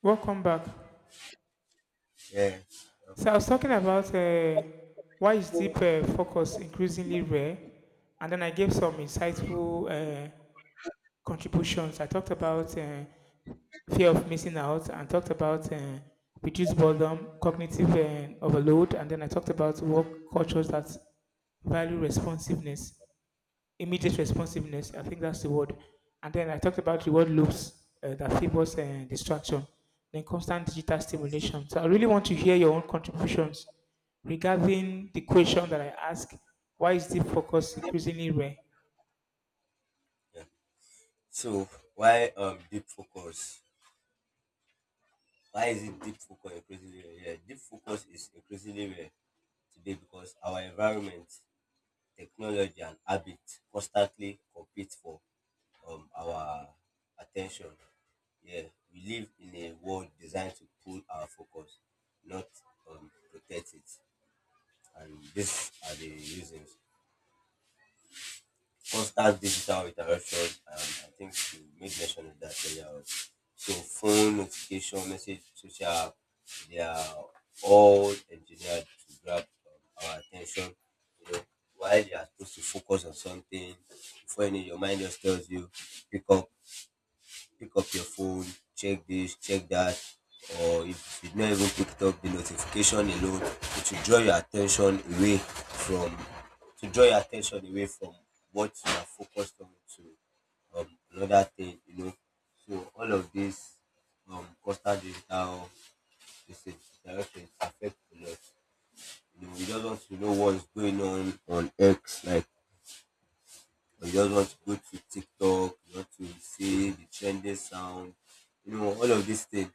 Welcome back. Yeah. So I was talking about why is deep focus increasingly rare, and then I gave some Mhm. insightful contributions. I talked about fear of missing out, and talked about reduced boredom, cognitive overload, and then I talked about work cultures that value responsiveness. Immediate responsiveness. I think that's the word. And then I talked about reward loops that favors distraction, then constant digital stimulation. So I really want to hear your own contributions regarding the question that I asked: why is deep focus increasingly rare? Yeah. So why um deep focus? Why is it deep focus increasingly rare? Yeah, deep focus is increasingly rare today because our environment, technology, and habit constantly compete for our attention. Yeah, we live in a world designed to pull our focus, not protect it, and these are the reasons. Constant digital interaction, and I think you made mention of that earlier on. So phone, notification, message, social app, they are all engineered to grab our attention. You know, while you are supposed to focus on something, before you know, your mind just tells you pick up pick up your phone, check this, check that. Or if you did not even pick it up, the notification alone, it will draw your attention away from to draw your attention away from what you are focused on to another thing, you know. So all of this constant digital this direction is affect a lot. You know, we just want to know what's going on X, like, or you just want to go to TikTok, you want to see the trending sound, you know, all of these things,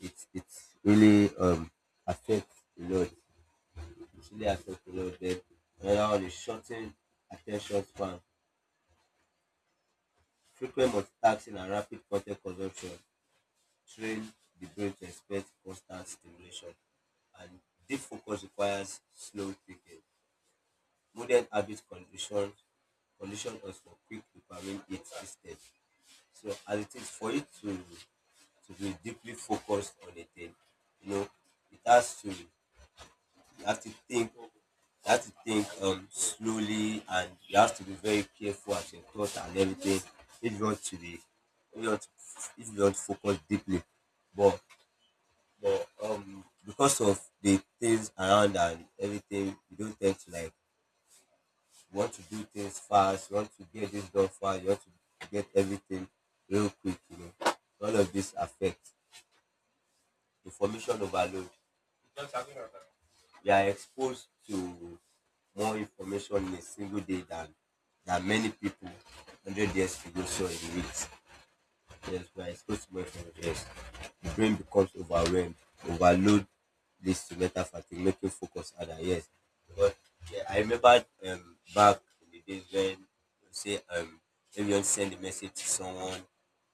it really affects a lot. It really affects a lot. Then another one is shortened attention span. Frequent multitasking and rapid content consumption train the brain to expect constant stimulation, and deep focus requires slow thinking. Modern habit condition condition us for quick dopamine hit instead. So as it is for you to be deeply focused on a thing. You know, it has to you have to think you have to think slowly, and you have to be very careful at your thoughts and everything if you want to be if you want to, if you want to focus deeply. But because of the things around and everything, you don't tend to like, you want to do things fast, you want to get this done fast, you want to get everything real quick, you know. All of this affects information overload. We are exposed to more information in a single day than many people hundred years ago saw in weeks. Yes, we are exposed to more information. Yes, the brain becomes overwhelmed. Overload leads to mental fatigue, making focus harder. Yes, because yeah, I remember back in the days when you say if you want to send a message to someone,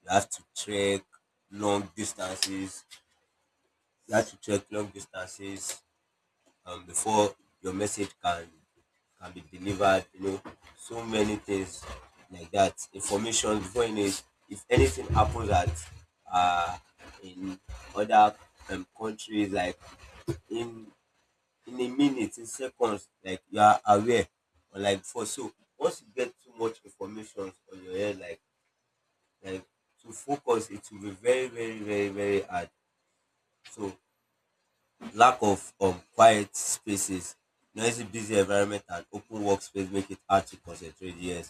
you have to track long distances. You have to track long distances before your message can be delivered. You know, so many things like that. Information, before you know it, if anything happens at uh, in other countries, like in in a minute, in seconds, like you are aware. Or like for so once you get too much information on your head, like to focus, it will be very very very very hard. So lack of quiet spaces, noisy, busy environment, and open workspace make it hard to concentrate. Yes,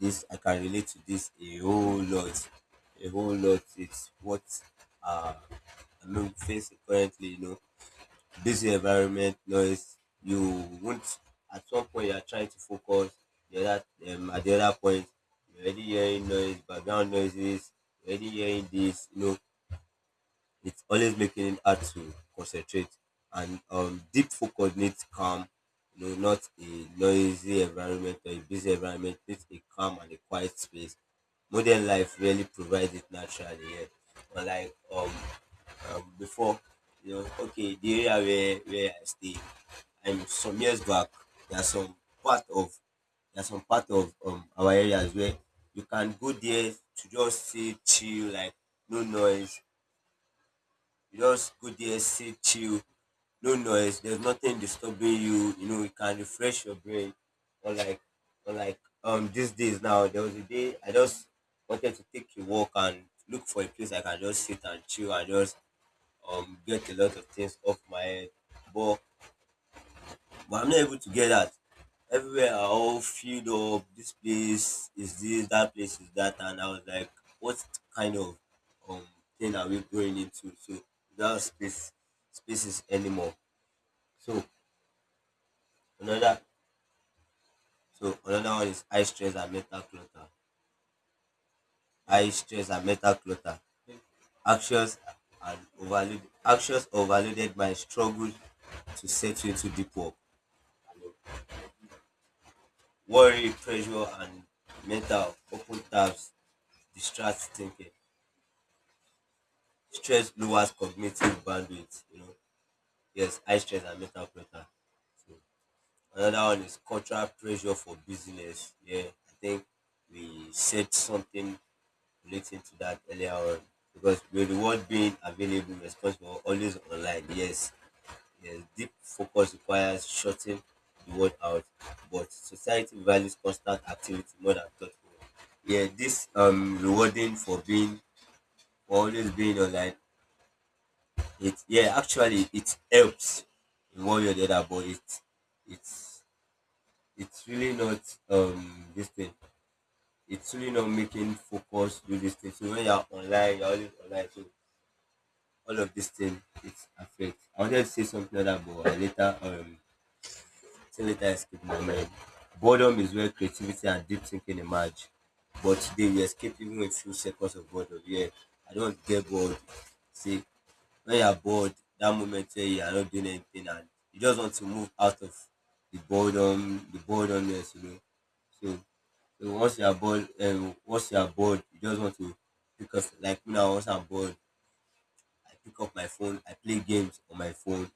this, I can relate to this a whole lot, a whole lot. It's what uh, I'm facing currently. You know, busy environment, noise. You won't At one point you are trying to focus. The other At the other point, you're already hearing noise, background noises. You're already hearing this. You know, it's always making it hard to concentrate. And deep focus needs calm, you know, not a noisy environment or a busy environment. Needs a calm and a quiet space. Modern life really provides it naturally. Yeah, unlike before, you know. Okay, the area where I stay and some years back, There's some part of there's some part of our areas where you can go there to just sit, chill, like no noise. You just go there, sit, chill, no noise, there's nothing disturbing you, you know, you can refresh your brain. Or like or like these days now, there was a day I just wanted to take a walk and look for a place I can just sit and chill and just get a lot of things off my head. But I'm not able to get that. Everywhere are all filled up. This place is this, that place is that, and I was like, what kind of um thing are we going into? So without spaces anymore. So another another one is high stress and mental clutter. High stress and mental clutter. Actions Actions overloaded my struggle to settle into deep work. Worry, pressure and mental open tabs distract thinking. Stress lowers cognitive bandwidth, you know. Yes, high stress and mental clutter. So another one is cultural pressure for business. Yeah, I think we said something relating to that earlier on, because with the world being available, responsible, always online. Yes, yes, deep focus requires shutting the world out, but society values constant activity more than thoughtful. Yeah, this rewarding for being for always being online. It, yeah, actually it helps in one way or the other, but it's it's really not this thing. It's really not making focus do this thing. So when you're online, you're always online. So all of this thing it affects. I wanted to say something other, but I later escape my mind. Boredom is where creativity and deep thinking emerge. But today we escape even with few seconds of boredom. Yeah, I don't get bored. See, when you are bored, that moment where you are not doing anything and you just want to move out of the boredom, the boredomness, you know. So, so, once you are bored, once you are bored, you just want to pick up. Like me now, once I'm bored, I pick up my phone. I play games on my phone,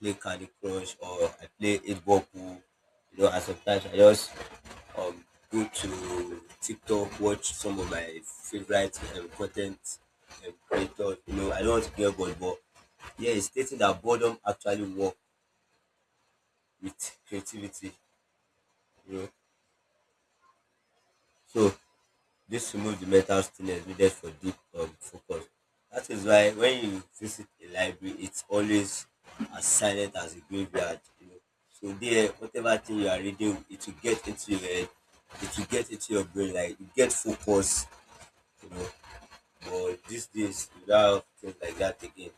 play Candy Crush, or I play eight ball pool. You know, and sometimes I just um go to TikTok, watch some of my favorite content creators. You know, I don't want to be a, but yeah, it's stating that boredom actually work with creativity. You know, so this removes the mental stillness needed for deep focus. That is why when you visit a library, it's always as silent as a graveyard. You know, so there, whatever thing you are reading, it will get into your head, it will get into your brain, like you get focus. You know, but these days we don't have things like that again.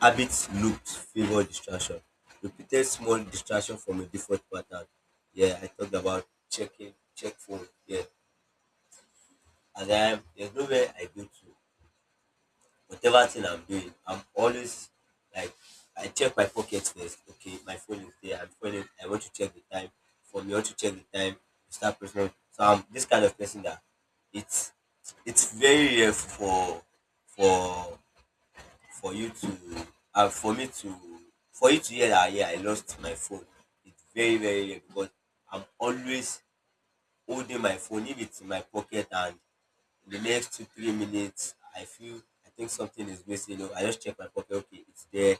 Habits loops favor distraction. Repeated small distraction from a default pattern. Yeah, I talked about checking, check phone. Yeah, and I there's nowhere I go to. Whatever thing I'm doing, I'm always like, I check my pocket first. Okay, my phone is there. I'm phoning. I want to check the time. For me, I want to check the time. You start personal. So I'm this kind of person that it's it's very rare for for you to and for me to for you to hear that, yeah, I lost my phone. It's very very rare because I'm always holding my phone. If it's in my pocket, and in the next 2 3 minutes I feel I think something is missing, you know, I just check my pocket. Okay, it's there.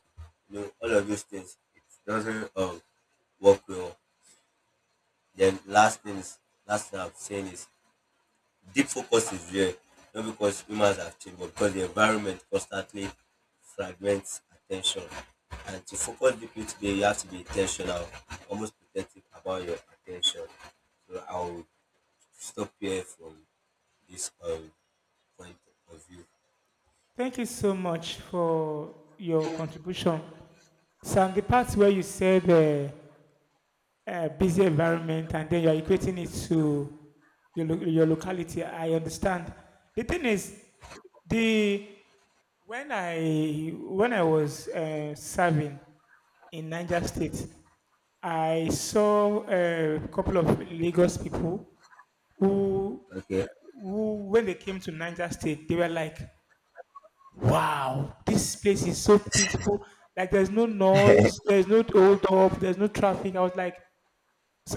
You know, all of those things. It doesn't work well. Then last thing I'm saying is deep focus is rare, not because humans have changed, but because the environment constantly fragments attention. And to focus deeply today, you have to be intentional, almost protective about your attention. So I'll stop here from this point of view. Thank you so much for your contribution. So, on the part where you said busy environment and then you are equating it to your locality. I understand. The thing is, the when I was serving in Niger Mhm. State, I saw a couple of Lagos people who Okay. who, when they came to Niger State, they were like, wow, this place is so peaceful. Like, there's no noise, there's no hold up, there's no traffic. I was like,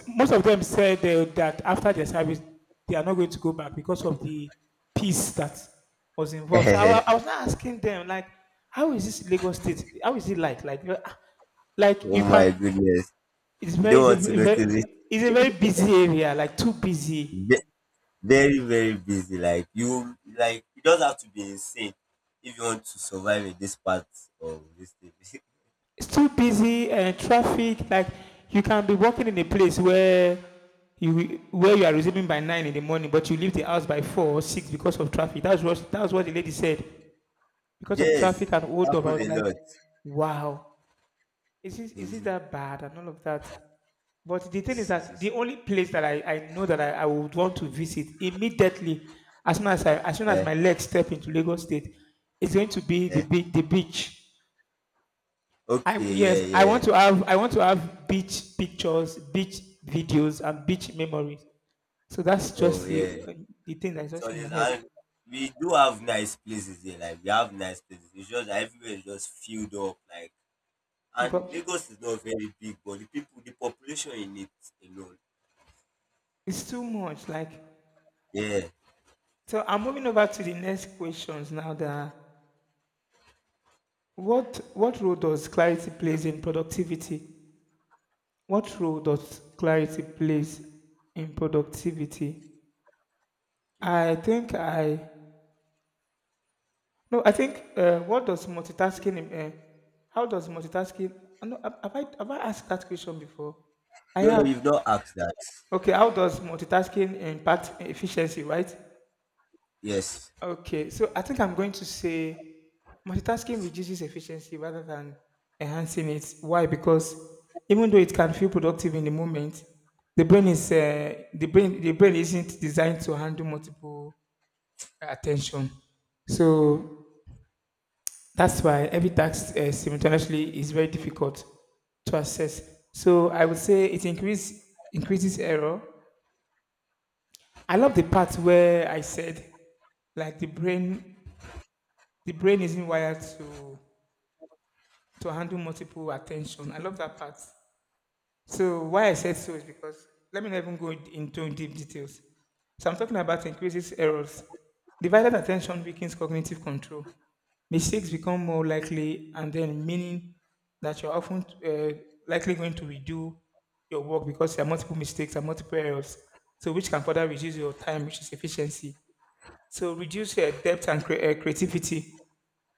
most of them said that after their service, they are not going to go back because of the peace that was involved. So I was not asking them, like, how is this Lagos State? How is it like? Like, you know, ah, like you Oh my can. goodness. It's You don't it's a want to notice it. it's a very busy area. Like too Ve- busy. Very, very busy. Like, you like you not have to be insane if you want to survive in this part of this thing. It's too busy and traffic. Like you can be walking in a place where you are resuming by nine in the morning, but you leave the house by four or six because of traffic. That's what the lady said. Because of traffic Yes, and it hold up. I happens was a like, lot. wow, is it that bad and all of that? But the thing is that the only place that I know that I would want to visit immediately, as soon as as soon as Eh, my legs step into Lagos State, is going to be eh. The beach. I Okay, yeah, yes, yeah. I want to have beach pictures, beach videos, and beach memories. So that's Oh, just yeah. The thing that's So just in my this, head. and we do have nice places here. Like, we have nice places. It's just that everywhere is just filled up. Like, The, and pro- Lagos is not very big, but the people, the population in it alone. it's too much. Like Yeah. so I'm moving over to the next questions now. That what role does clarity plays in productivity? What role does clarity plays in productivity? Okay. I think I no. I think what does multitasking? Uh, how does multitasking? No, have have I asked that question before? I No, no, have. you've not asked that. Okay. How does multitasking impact efficiency? Right. Yes. Okay, so I think I'm going to say multitasking reduces efficiency rather than enhancing it. Why? Because even though it can feel productive in the moment, the brain is the brain isn't designed to handle multiple attention. So that's why every task simultaneously is very difficult to assess. So I would say it increases error. I love the part where I said like the brain isn't wired to handle multiple attention. I love that part. So why I said so is because let me not even go into deep details. So I'm talking about increases errors. Divided attention weakens cognitive control. Mistakes become more likely, and then meaning that you're often likely going to redo your work because there are multiple mistakes and multiple errors. So which can further reduce your time, which is efficiency. So reduce your depth and creativity.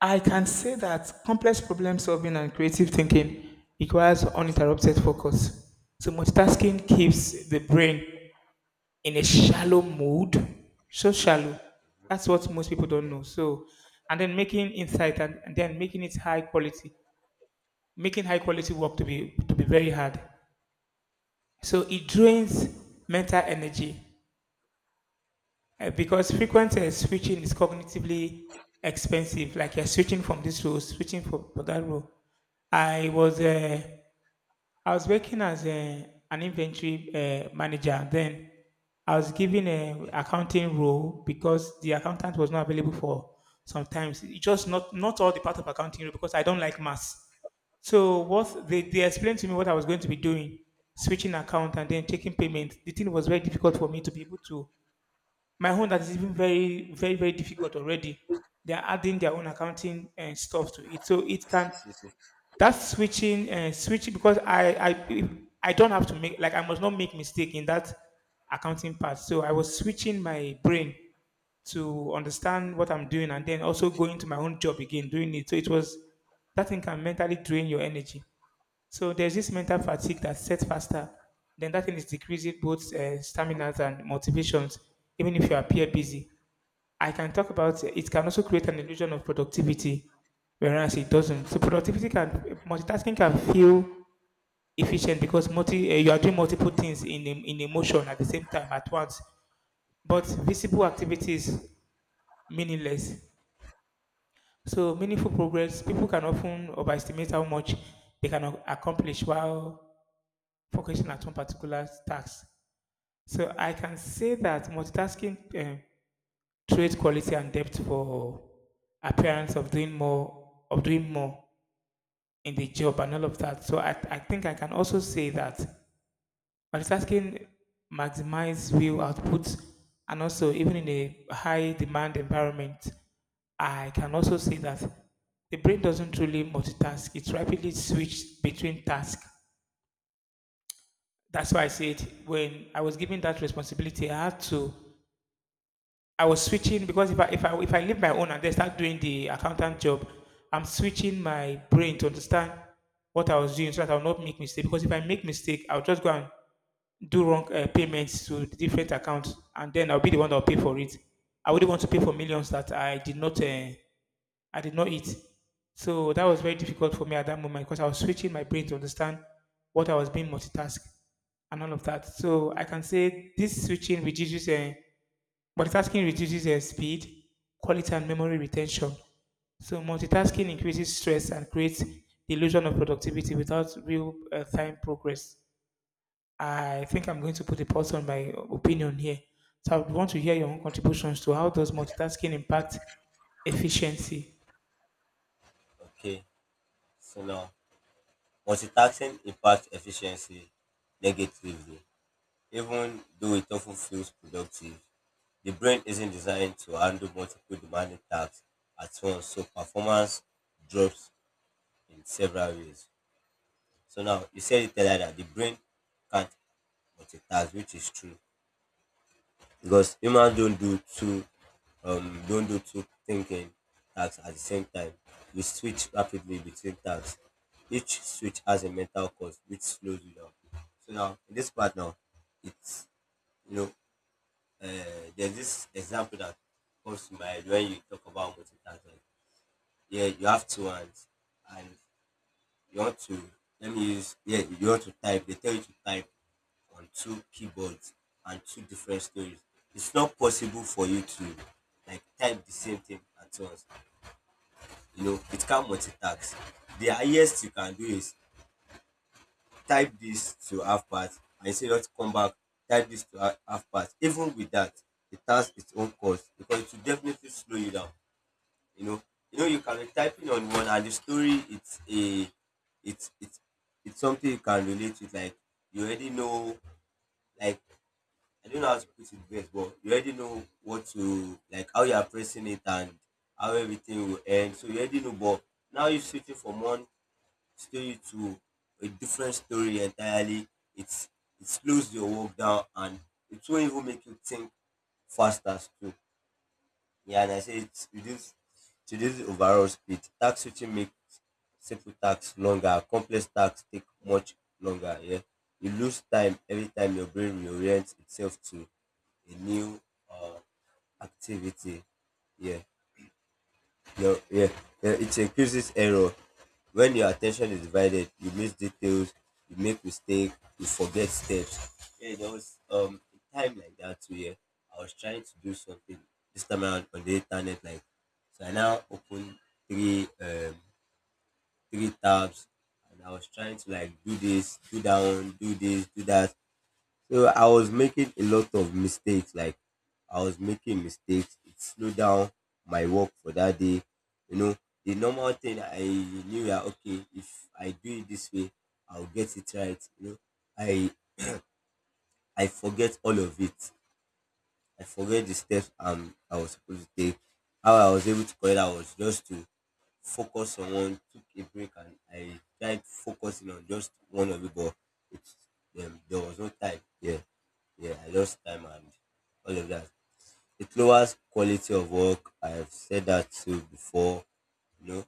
I can say that complex problem solving and creative thinking requires uninterrupted focus. So multitasking keeps the brain in a shallow mood, so shallow. That's what most people don't Yeah. know. So, and then making insight and then making it high quality, making high quality work to be very hard. So it drains mental energy. Because frequent switching is cognitively expensive. Like you're switching from this role, switching for that role. I was uh, I was working as an inventory manager. Then I was given a Okay. accounting role because the accountant was not available for sometimes. It just not all the part of accounting role because I don't like maths. So what Yeah. They explained to me what I was going to be doing, switching account and then taking payment. The thing was very difficult for me to be able to my own that is even very difficult already. They are adding their own accounting and stuff to it, so it Si, can si, si. that switching and switching because I don't have to make like I must not make mistake in that accounting part. So I was switching my brain to understand what I'm doing and then also going to my own job again doing it. So it was that thing can mentally drain your energy. So there's this mental fatigue that sets faster. Then that thing is decreasing both staminas and motivations, even if you appear busy. I can talk about it can also create an illusion of productivity, whereas it doesn't. So productivity can multitasking can feel efficient because multi you are doing multiple things in in a motion at the same time at once. But visible activity is meaningless. So meaningful progress people can often overestimate how much they can accomplish while focusing at one particular task. So I can say that multitasking trades quality and depth for appearance of doing more of doing more in the job and all of that. So I think I can also say that multitasking maximize real output and also even in a high demand environment, I can also say that the brain doesn't truly multitask. It rapidly switches between tasks. That's why I said when I was given that responsibility, I had to. I was switching because if I leave my own and then start doing the accountant job, I'm switching my brain to understand what I was doing so that I'll not make mistake. Because if I make mistake, I'll just go and do wrong payments to the different accounts, and then I'll be the one that'll pay for it. I wouldn't want to pay for millions that I did not eat. So that was very difficult for me at that moment because I was switching my brain to understand what I was being multitask and all of that. So I can say this switching reduces multitasking reduces speed, quality, and memory retention. So multitasking increases stress and creates the illusion of productivity without real time progress. I think I'm going to put a pause on my opinion here. So I would want to hear your own contributions to how does multitasking impact efficiency. Okay. So now, multitasking impacts efficiency negatively. Even though it often feels productive, the brain isn't designed to handle multiple demanding tasks at once, so performance drops in several ways. So now you said it earlier that the brain can't multitask, which is true because humans don't do two thinking tasks at the same time. We switch rapidly between tasks. Each switch has a mental cost which slows you down. So now in this part now, it's, you know, uh, there's this example that comes to mind when you talk about multitasking. Yeah, you have two hands, and you want to, let me use, yeah, you want to type, they tell you to type on two keyboards and two different stories. It's not possible for you to like type the same thing at once. You know, it can multitask. The highest you can do is type this to half past and you say not come back, type this to half past. Even with that, it has its own cost because it will definitely slow you down. You know, you know, you can be typing on one, and the story it's a it's it's something you can relate with. Like you already know, like I don't know how to put it best, but you already know what to like, how you are pressing it, and how everything will end. So you already know, but now you're switching from one story to a different story entirely. It's it slows your work down, and it won't even make you think faster too. Yeah, and I say it reduce the overall speed. Tax switching makes simple tasks longer, complex tasks take much longer. Yeah, you lose time every time your brain reorients itself to a new uh, activity. Yeah, no, yeah, yeah, it increases error. When your attention is divided, you miss details, you make mistakes, you forget steps. Yeah, there was a time like that too. Yeah, I was trying to do something this time around on the internet. Like, so I now open three um three tabs, and I was trying to like do this, do that one, do this, do that. So I was making a lot of mistakes. Like I was making mistakes. It slowed down my work for that day. You know, the normal thing I knew that okay, if I do it this way, I'll get it right. You know, I I forget all of it. I forget the steps I was supposed to take. How I was able to correct that was just to focus on one, took a break, and I tried focusing on just one of it, but it, there was no time. Yeah, yeah, I lost time and all of that. It lowers quality of work. I've said that too before. You know,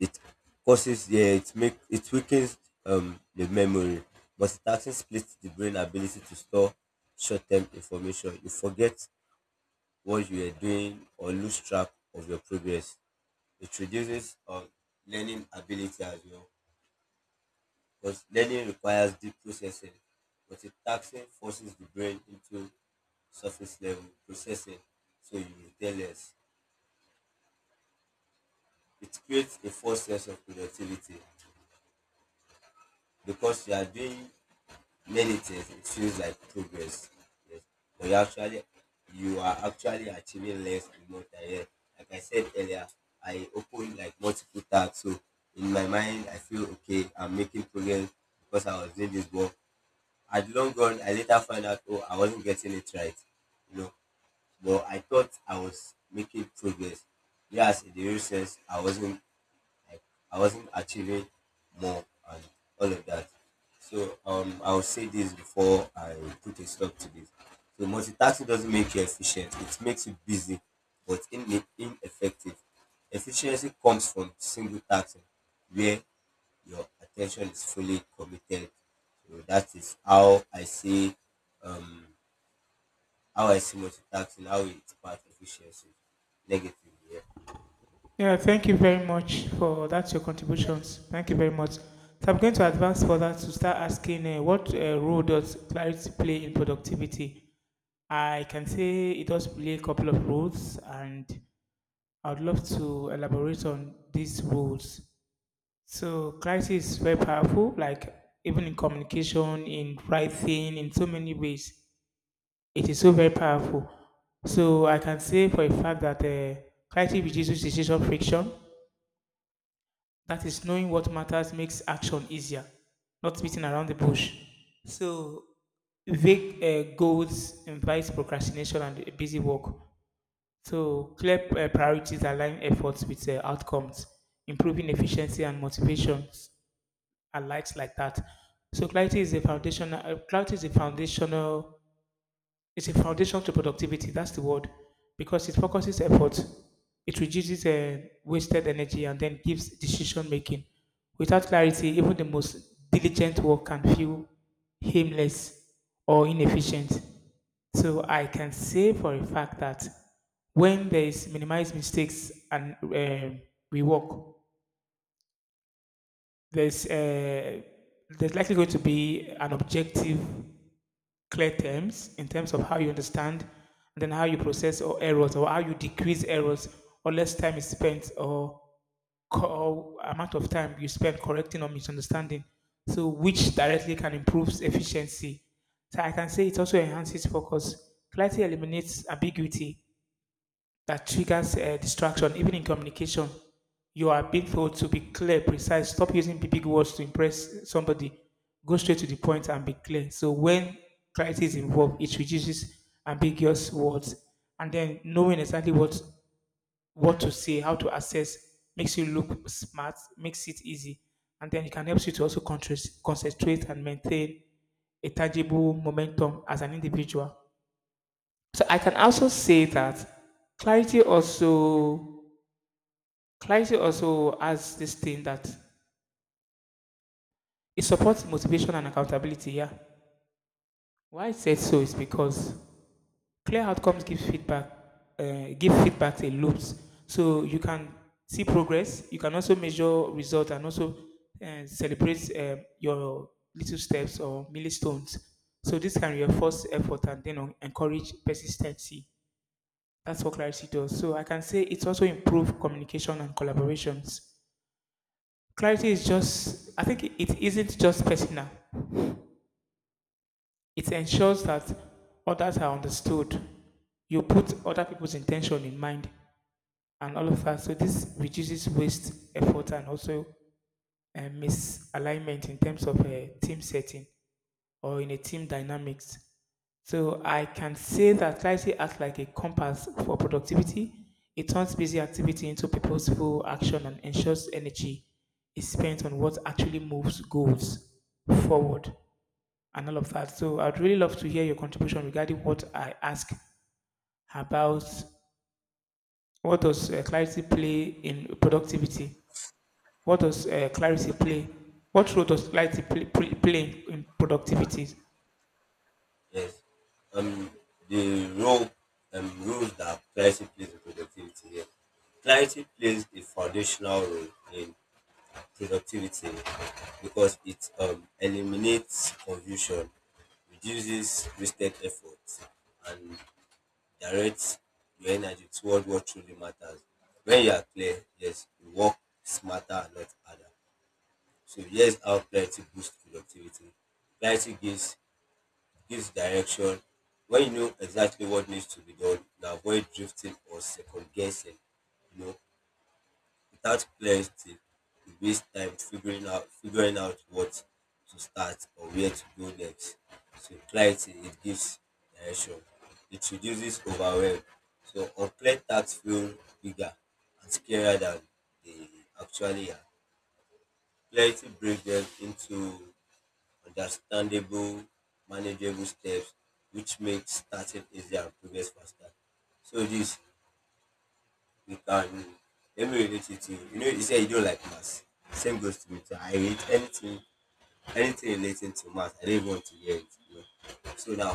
it causes yeah, it weakens the memory. Multitasking splits the brain ability to store short-term information. You forget what you are doing or lose track of your progress. It reduces learning ability as well because learning requires deep processing, but a taxing forces the brain into surface level processing, so you retain less. It creates a false sense of productivity because you are doing many things it feels like progress, yes, but you are actually achieving less and more time, yes. Like I said earlier, I opened like multiple tabs, so in my mind I feel okay I'm making progress because I was doing this, but at long run I later found out oh I wasn't getting it right. You know, but I thought I was making progress. Yes, in the real sense I wasn't, like I wasn't achieving more and all of that. So I will say this before I put a stop to this. So multitasking doesn't make you efficient; it makes you busy, but ineffective. Efficiency comes from single tasking, where your attention is fully committed. So that is um, how I see multitasking, how it impacts efficiency negatively. Yeah. Yeah, thank you very much for that, your contributions. Thank you very much. So I'm going to advance further to start asking what role does clarity play in productivity? I can say it does play a couple of roles, and I'd love to elaborate on these roles. So clarity is very powerful, like even in communication, in writing, in so many ways. It is so very powerful. So I can say for a fact that clarity reduces decision friction. That is knowing what matters makes action easier, not beating around the bush. So vague goals invite procrastination and busy work. So clear priorities align efforts with outcomes, improving efficiency and motivations and likes like that. So Clarity is a foundational, it's a foundation to productivity. That's the word, because it focuses effort, it reduces wasted energy, and then gives decision making. Without clarity, even the most diligent work can feel aimless or inefficient. So I can say for a fact that when there is minimized mistakes and we work, there's there's likely going to be an objective clear terms in terms of how you understand, and then how you process or errors, or how you decrease errors, or less time is spent, or, or amount of time you spend correcting or misunderstanding. So, which directly can improve efficiency. So, I can say it also enhances focus. Clarity eliminates ambiguity that triggers distraction, even in communication. You are being told to be clear, precise. Stop using big big words to impress somebody. Go straight to the point and be clear. So when clarity is involved, it reduces ambiguous words, and then knowing exactly what to say, how to assess, makes you look smart, makes it easy, and then it can help you to also concentrate and maintain a tangible momentum as an individual. So I can also say that clarity also clarity also has this thing that it supports motivation and accountability. Yeah. Why I said so is because clear outcomes give feedback in loops. So you can see progress. You can also measure result and also celebrate your little steps or milestones. So this can reinforce effort and then encourage persistency. That's what clarity does. So I can say it also improves communication and collaborations. Clarity is just, I think it isn't just personal. It ensures that others are understood. You put other people's intention in mind and all of that. So this reduces waste, effort, and also misalignment in terms of a team setting or in a team dynamics. So I can say that clarity acts like a compass for productivity. It turns busy activity into purposeful action and ensures energy is spent on what actually moves goals forward and all of that. So I'd really love to hear your contribution regarding what I ask about what does clarity play in productivity? What does clarity Okay. play? What role does clarity play in productivity? Yes. Um, the role roles that clarity plays in productivity here. Clarity plays a foundational role in productivity because it eliminates confusion, reduces wasted effort, and directs your energy toward what truly matters. When you are clear, yes, you work smarter and not harder. So here's how clarity boosts productivity. Clarity gives direction. When you know exactly what needs to be done, you can avoid drifting or second guessing. You know, without clarity, you waste time figuring out what to start or where to go next. So clarity it gives direction. It reduces overwhelm. So unplanned tasks feel bigger and scarier than they actually are. Clarity breaks them into understandable, manageable steps, which makes starting easier and progress faster. So this we can let me relate it to you. You know, you say you don't like maths. Same goes to me too. I hate anything relating to maths. I don't even want to hear it. You know? So now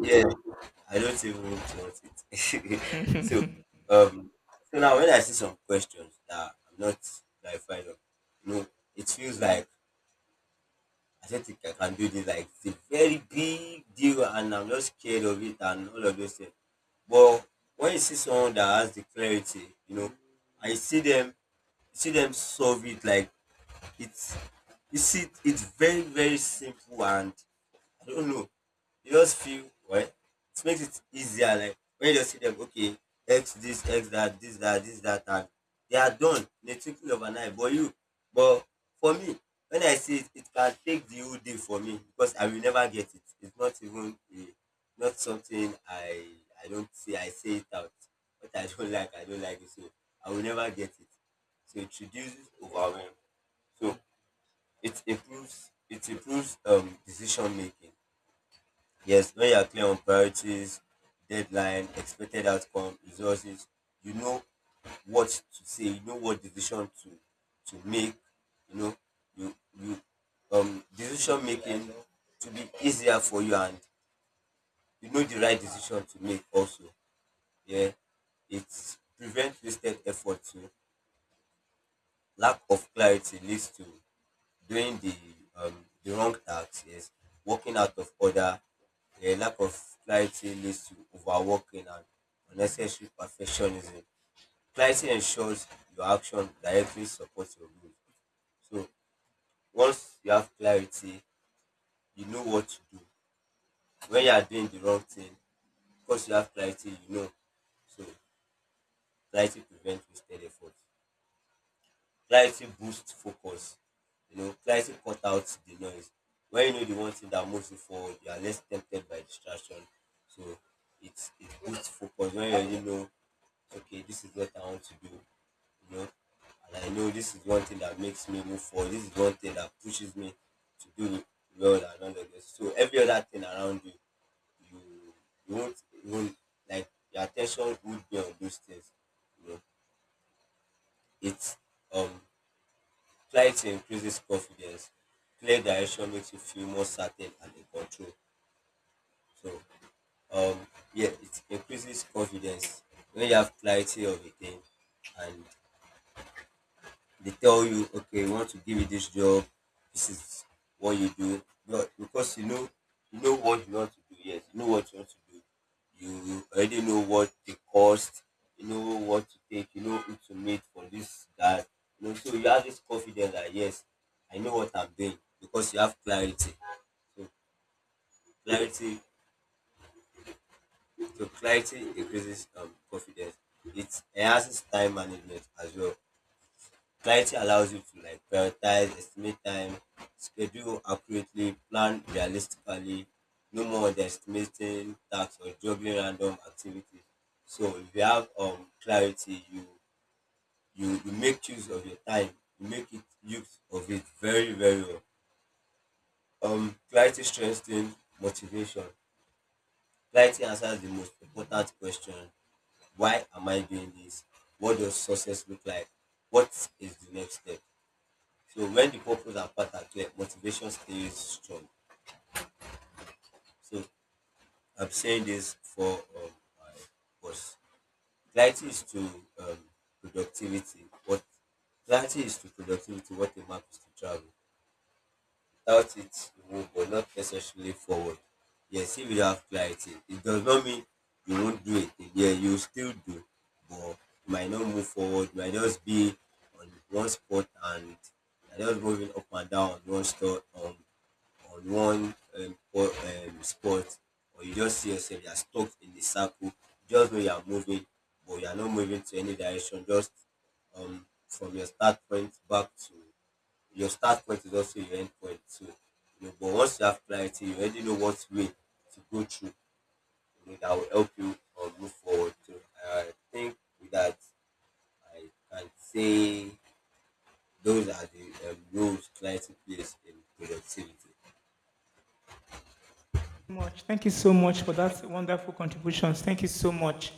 yeah, I don't even want it. So um so now when I see some questions that I'm not clarifying of, you know, it feels like I said "Think I can do this. Like it's a very big deal, and I'm just scared of it and all of those things. But when you see someone that has the clarity, you know, I see them, see them solve it like it's, you see, it's very very simple and I don't know. You just feel well. It makes it easier. Like when you just see them, okay, X this, X that, this that, this that, and they are done in a twinkling of an eye. But but for me, when I see it, it can take the whole day for me because I will never get it. It's not even a, not something I don't say. I say it out. What I don't like, I don't like it. So I will never get it. So it reduces overwhelm. So it improves decision making. Yes, when you are clear on priorities, deadline, expected outcome, resources, you know what to say, you know what decision to make, you know, you you decision making to be easier for you and you know the right decision to make also. Yeah. It prevents wasted effort to lack of clarity leads to doing the wrong acts, yes, working out of order, a lack of clarity leads to overworking and unnecessary perfectionism. Clarity ensures your action directly supports your goals. So once you have clarity, you know what to do. When you are doing the wrong thing, because you have clarity, you know. So clarity prevents wasted effort. Clarity boosts focus, you know, clarity cut out the noise. When you know the one thing that moves you forward, you are less tempted by distraction. So it boosts focus when you already know, okay, this is what I want to do, you know. And I know this is one thing that makes me move forward. This is one thing that pushes me to do well and all of this. So every other thing around you, you you won't even like your attention would be on those things. You know, it's um clarity increases confidence. Clear direction makes you feel more certain and in control. So, um, yeah, it increases confidence when you have clarity of a thing, and they tell you okay we want to give you this job, this is what you do, but because you know, you know what you want to do, yes, you know what you want to do, you already know what the cost, you know what to take, you know who to meet for this that, you know, so you have this confidence that yes I know what I'm doing because you have clarity. So clarity clarity increases confidence. It enhances time management as well. Clarity allows you to like prioritize, estimate time, schedule accurately, plan realistically, no more underestimating tasks or juggling random activities. So if you have clarity, you you make use of your time. You make it use of it very very well. Clarity strengthens motivation. Clarity answers the most important question: Why am I doing this? What does success look like? What is the next step? So when the purpose and path are clear, motivation stays strong. So I'm saying this for my boss. Clarity is to um, productivity. What Clarity is to productivity. What a map is to travel. Without it, you move, but not necessarily forward. Yes, if you have clarity, it does not mean you won't do it. Yeah, you still do, but you might not move forward. You might just be on one spot and you're just moving up and down on one spot. On one spot, or you just see yourself you are stuck in the circle, just know you are moving but you are not moving to any direction, just from your start point back to your start point is also your end point. So you know, but once you have clarity you already know what way to go through, you know, that will help you move forward. So I think with that I can say those are the roles clarity plays in productivity. much. Thank you so much for that wonderful contributions. Thank you so much.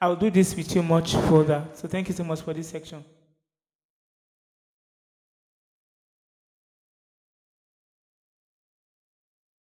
I'll do this with you much further. So thank you so much for this section.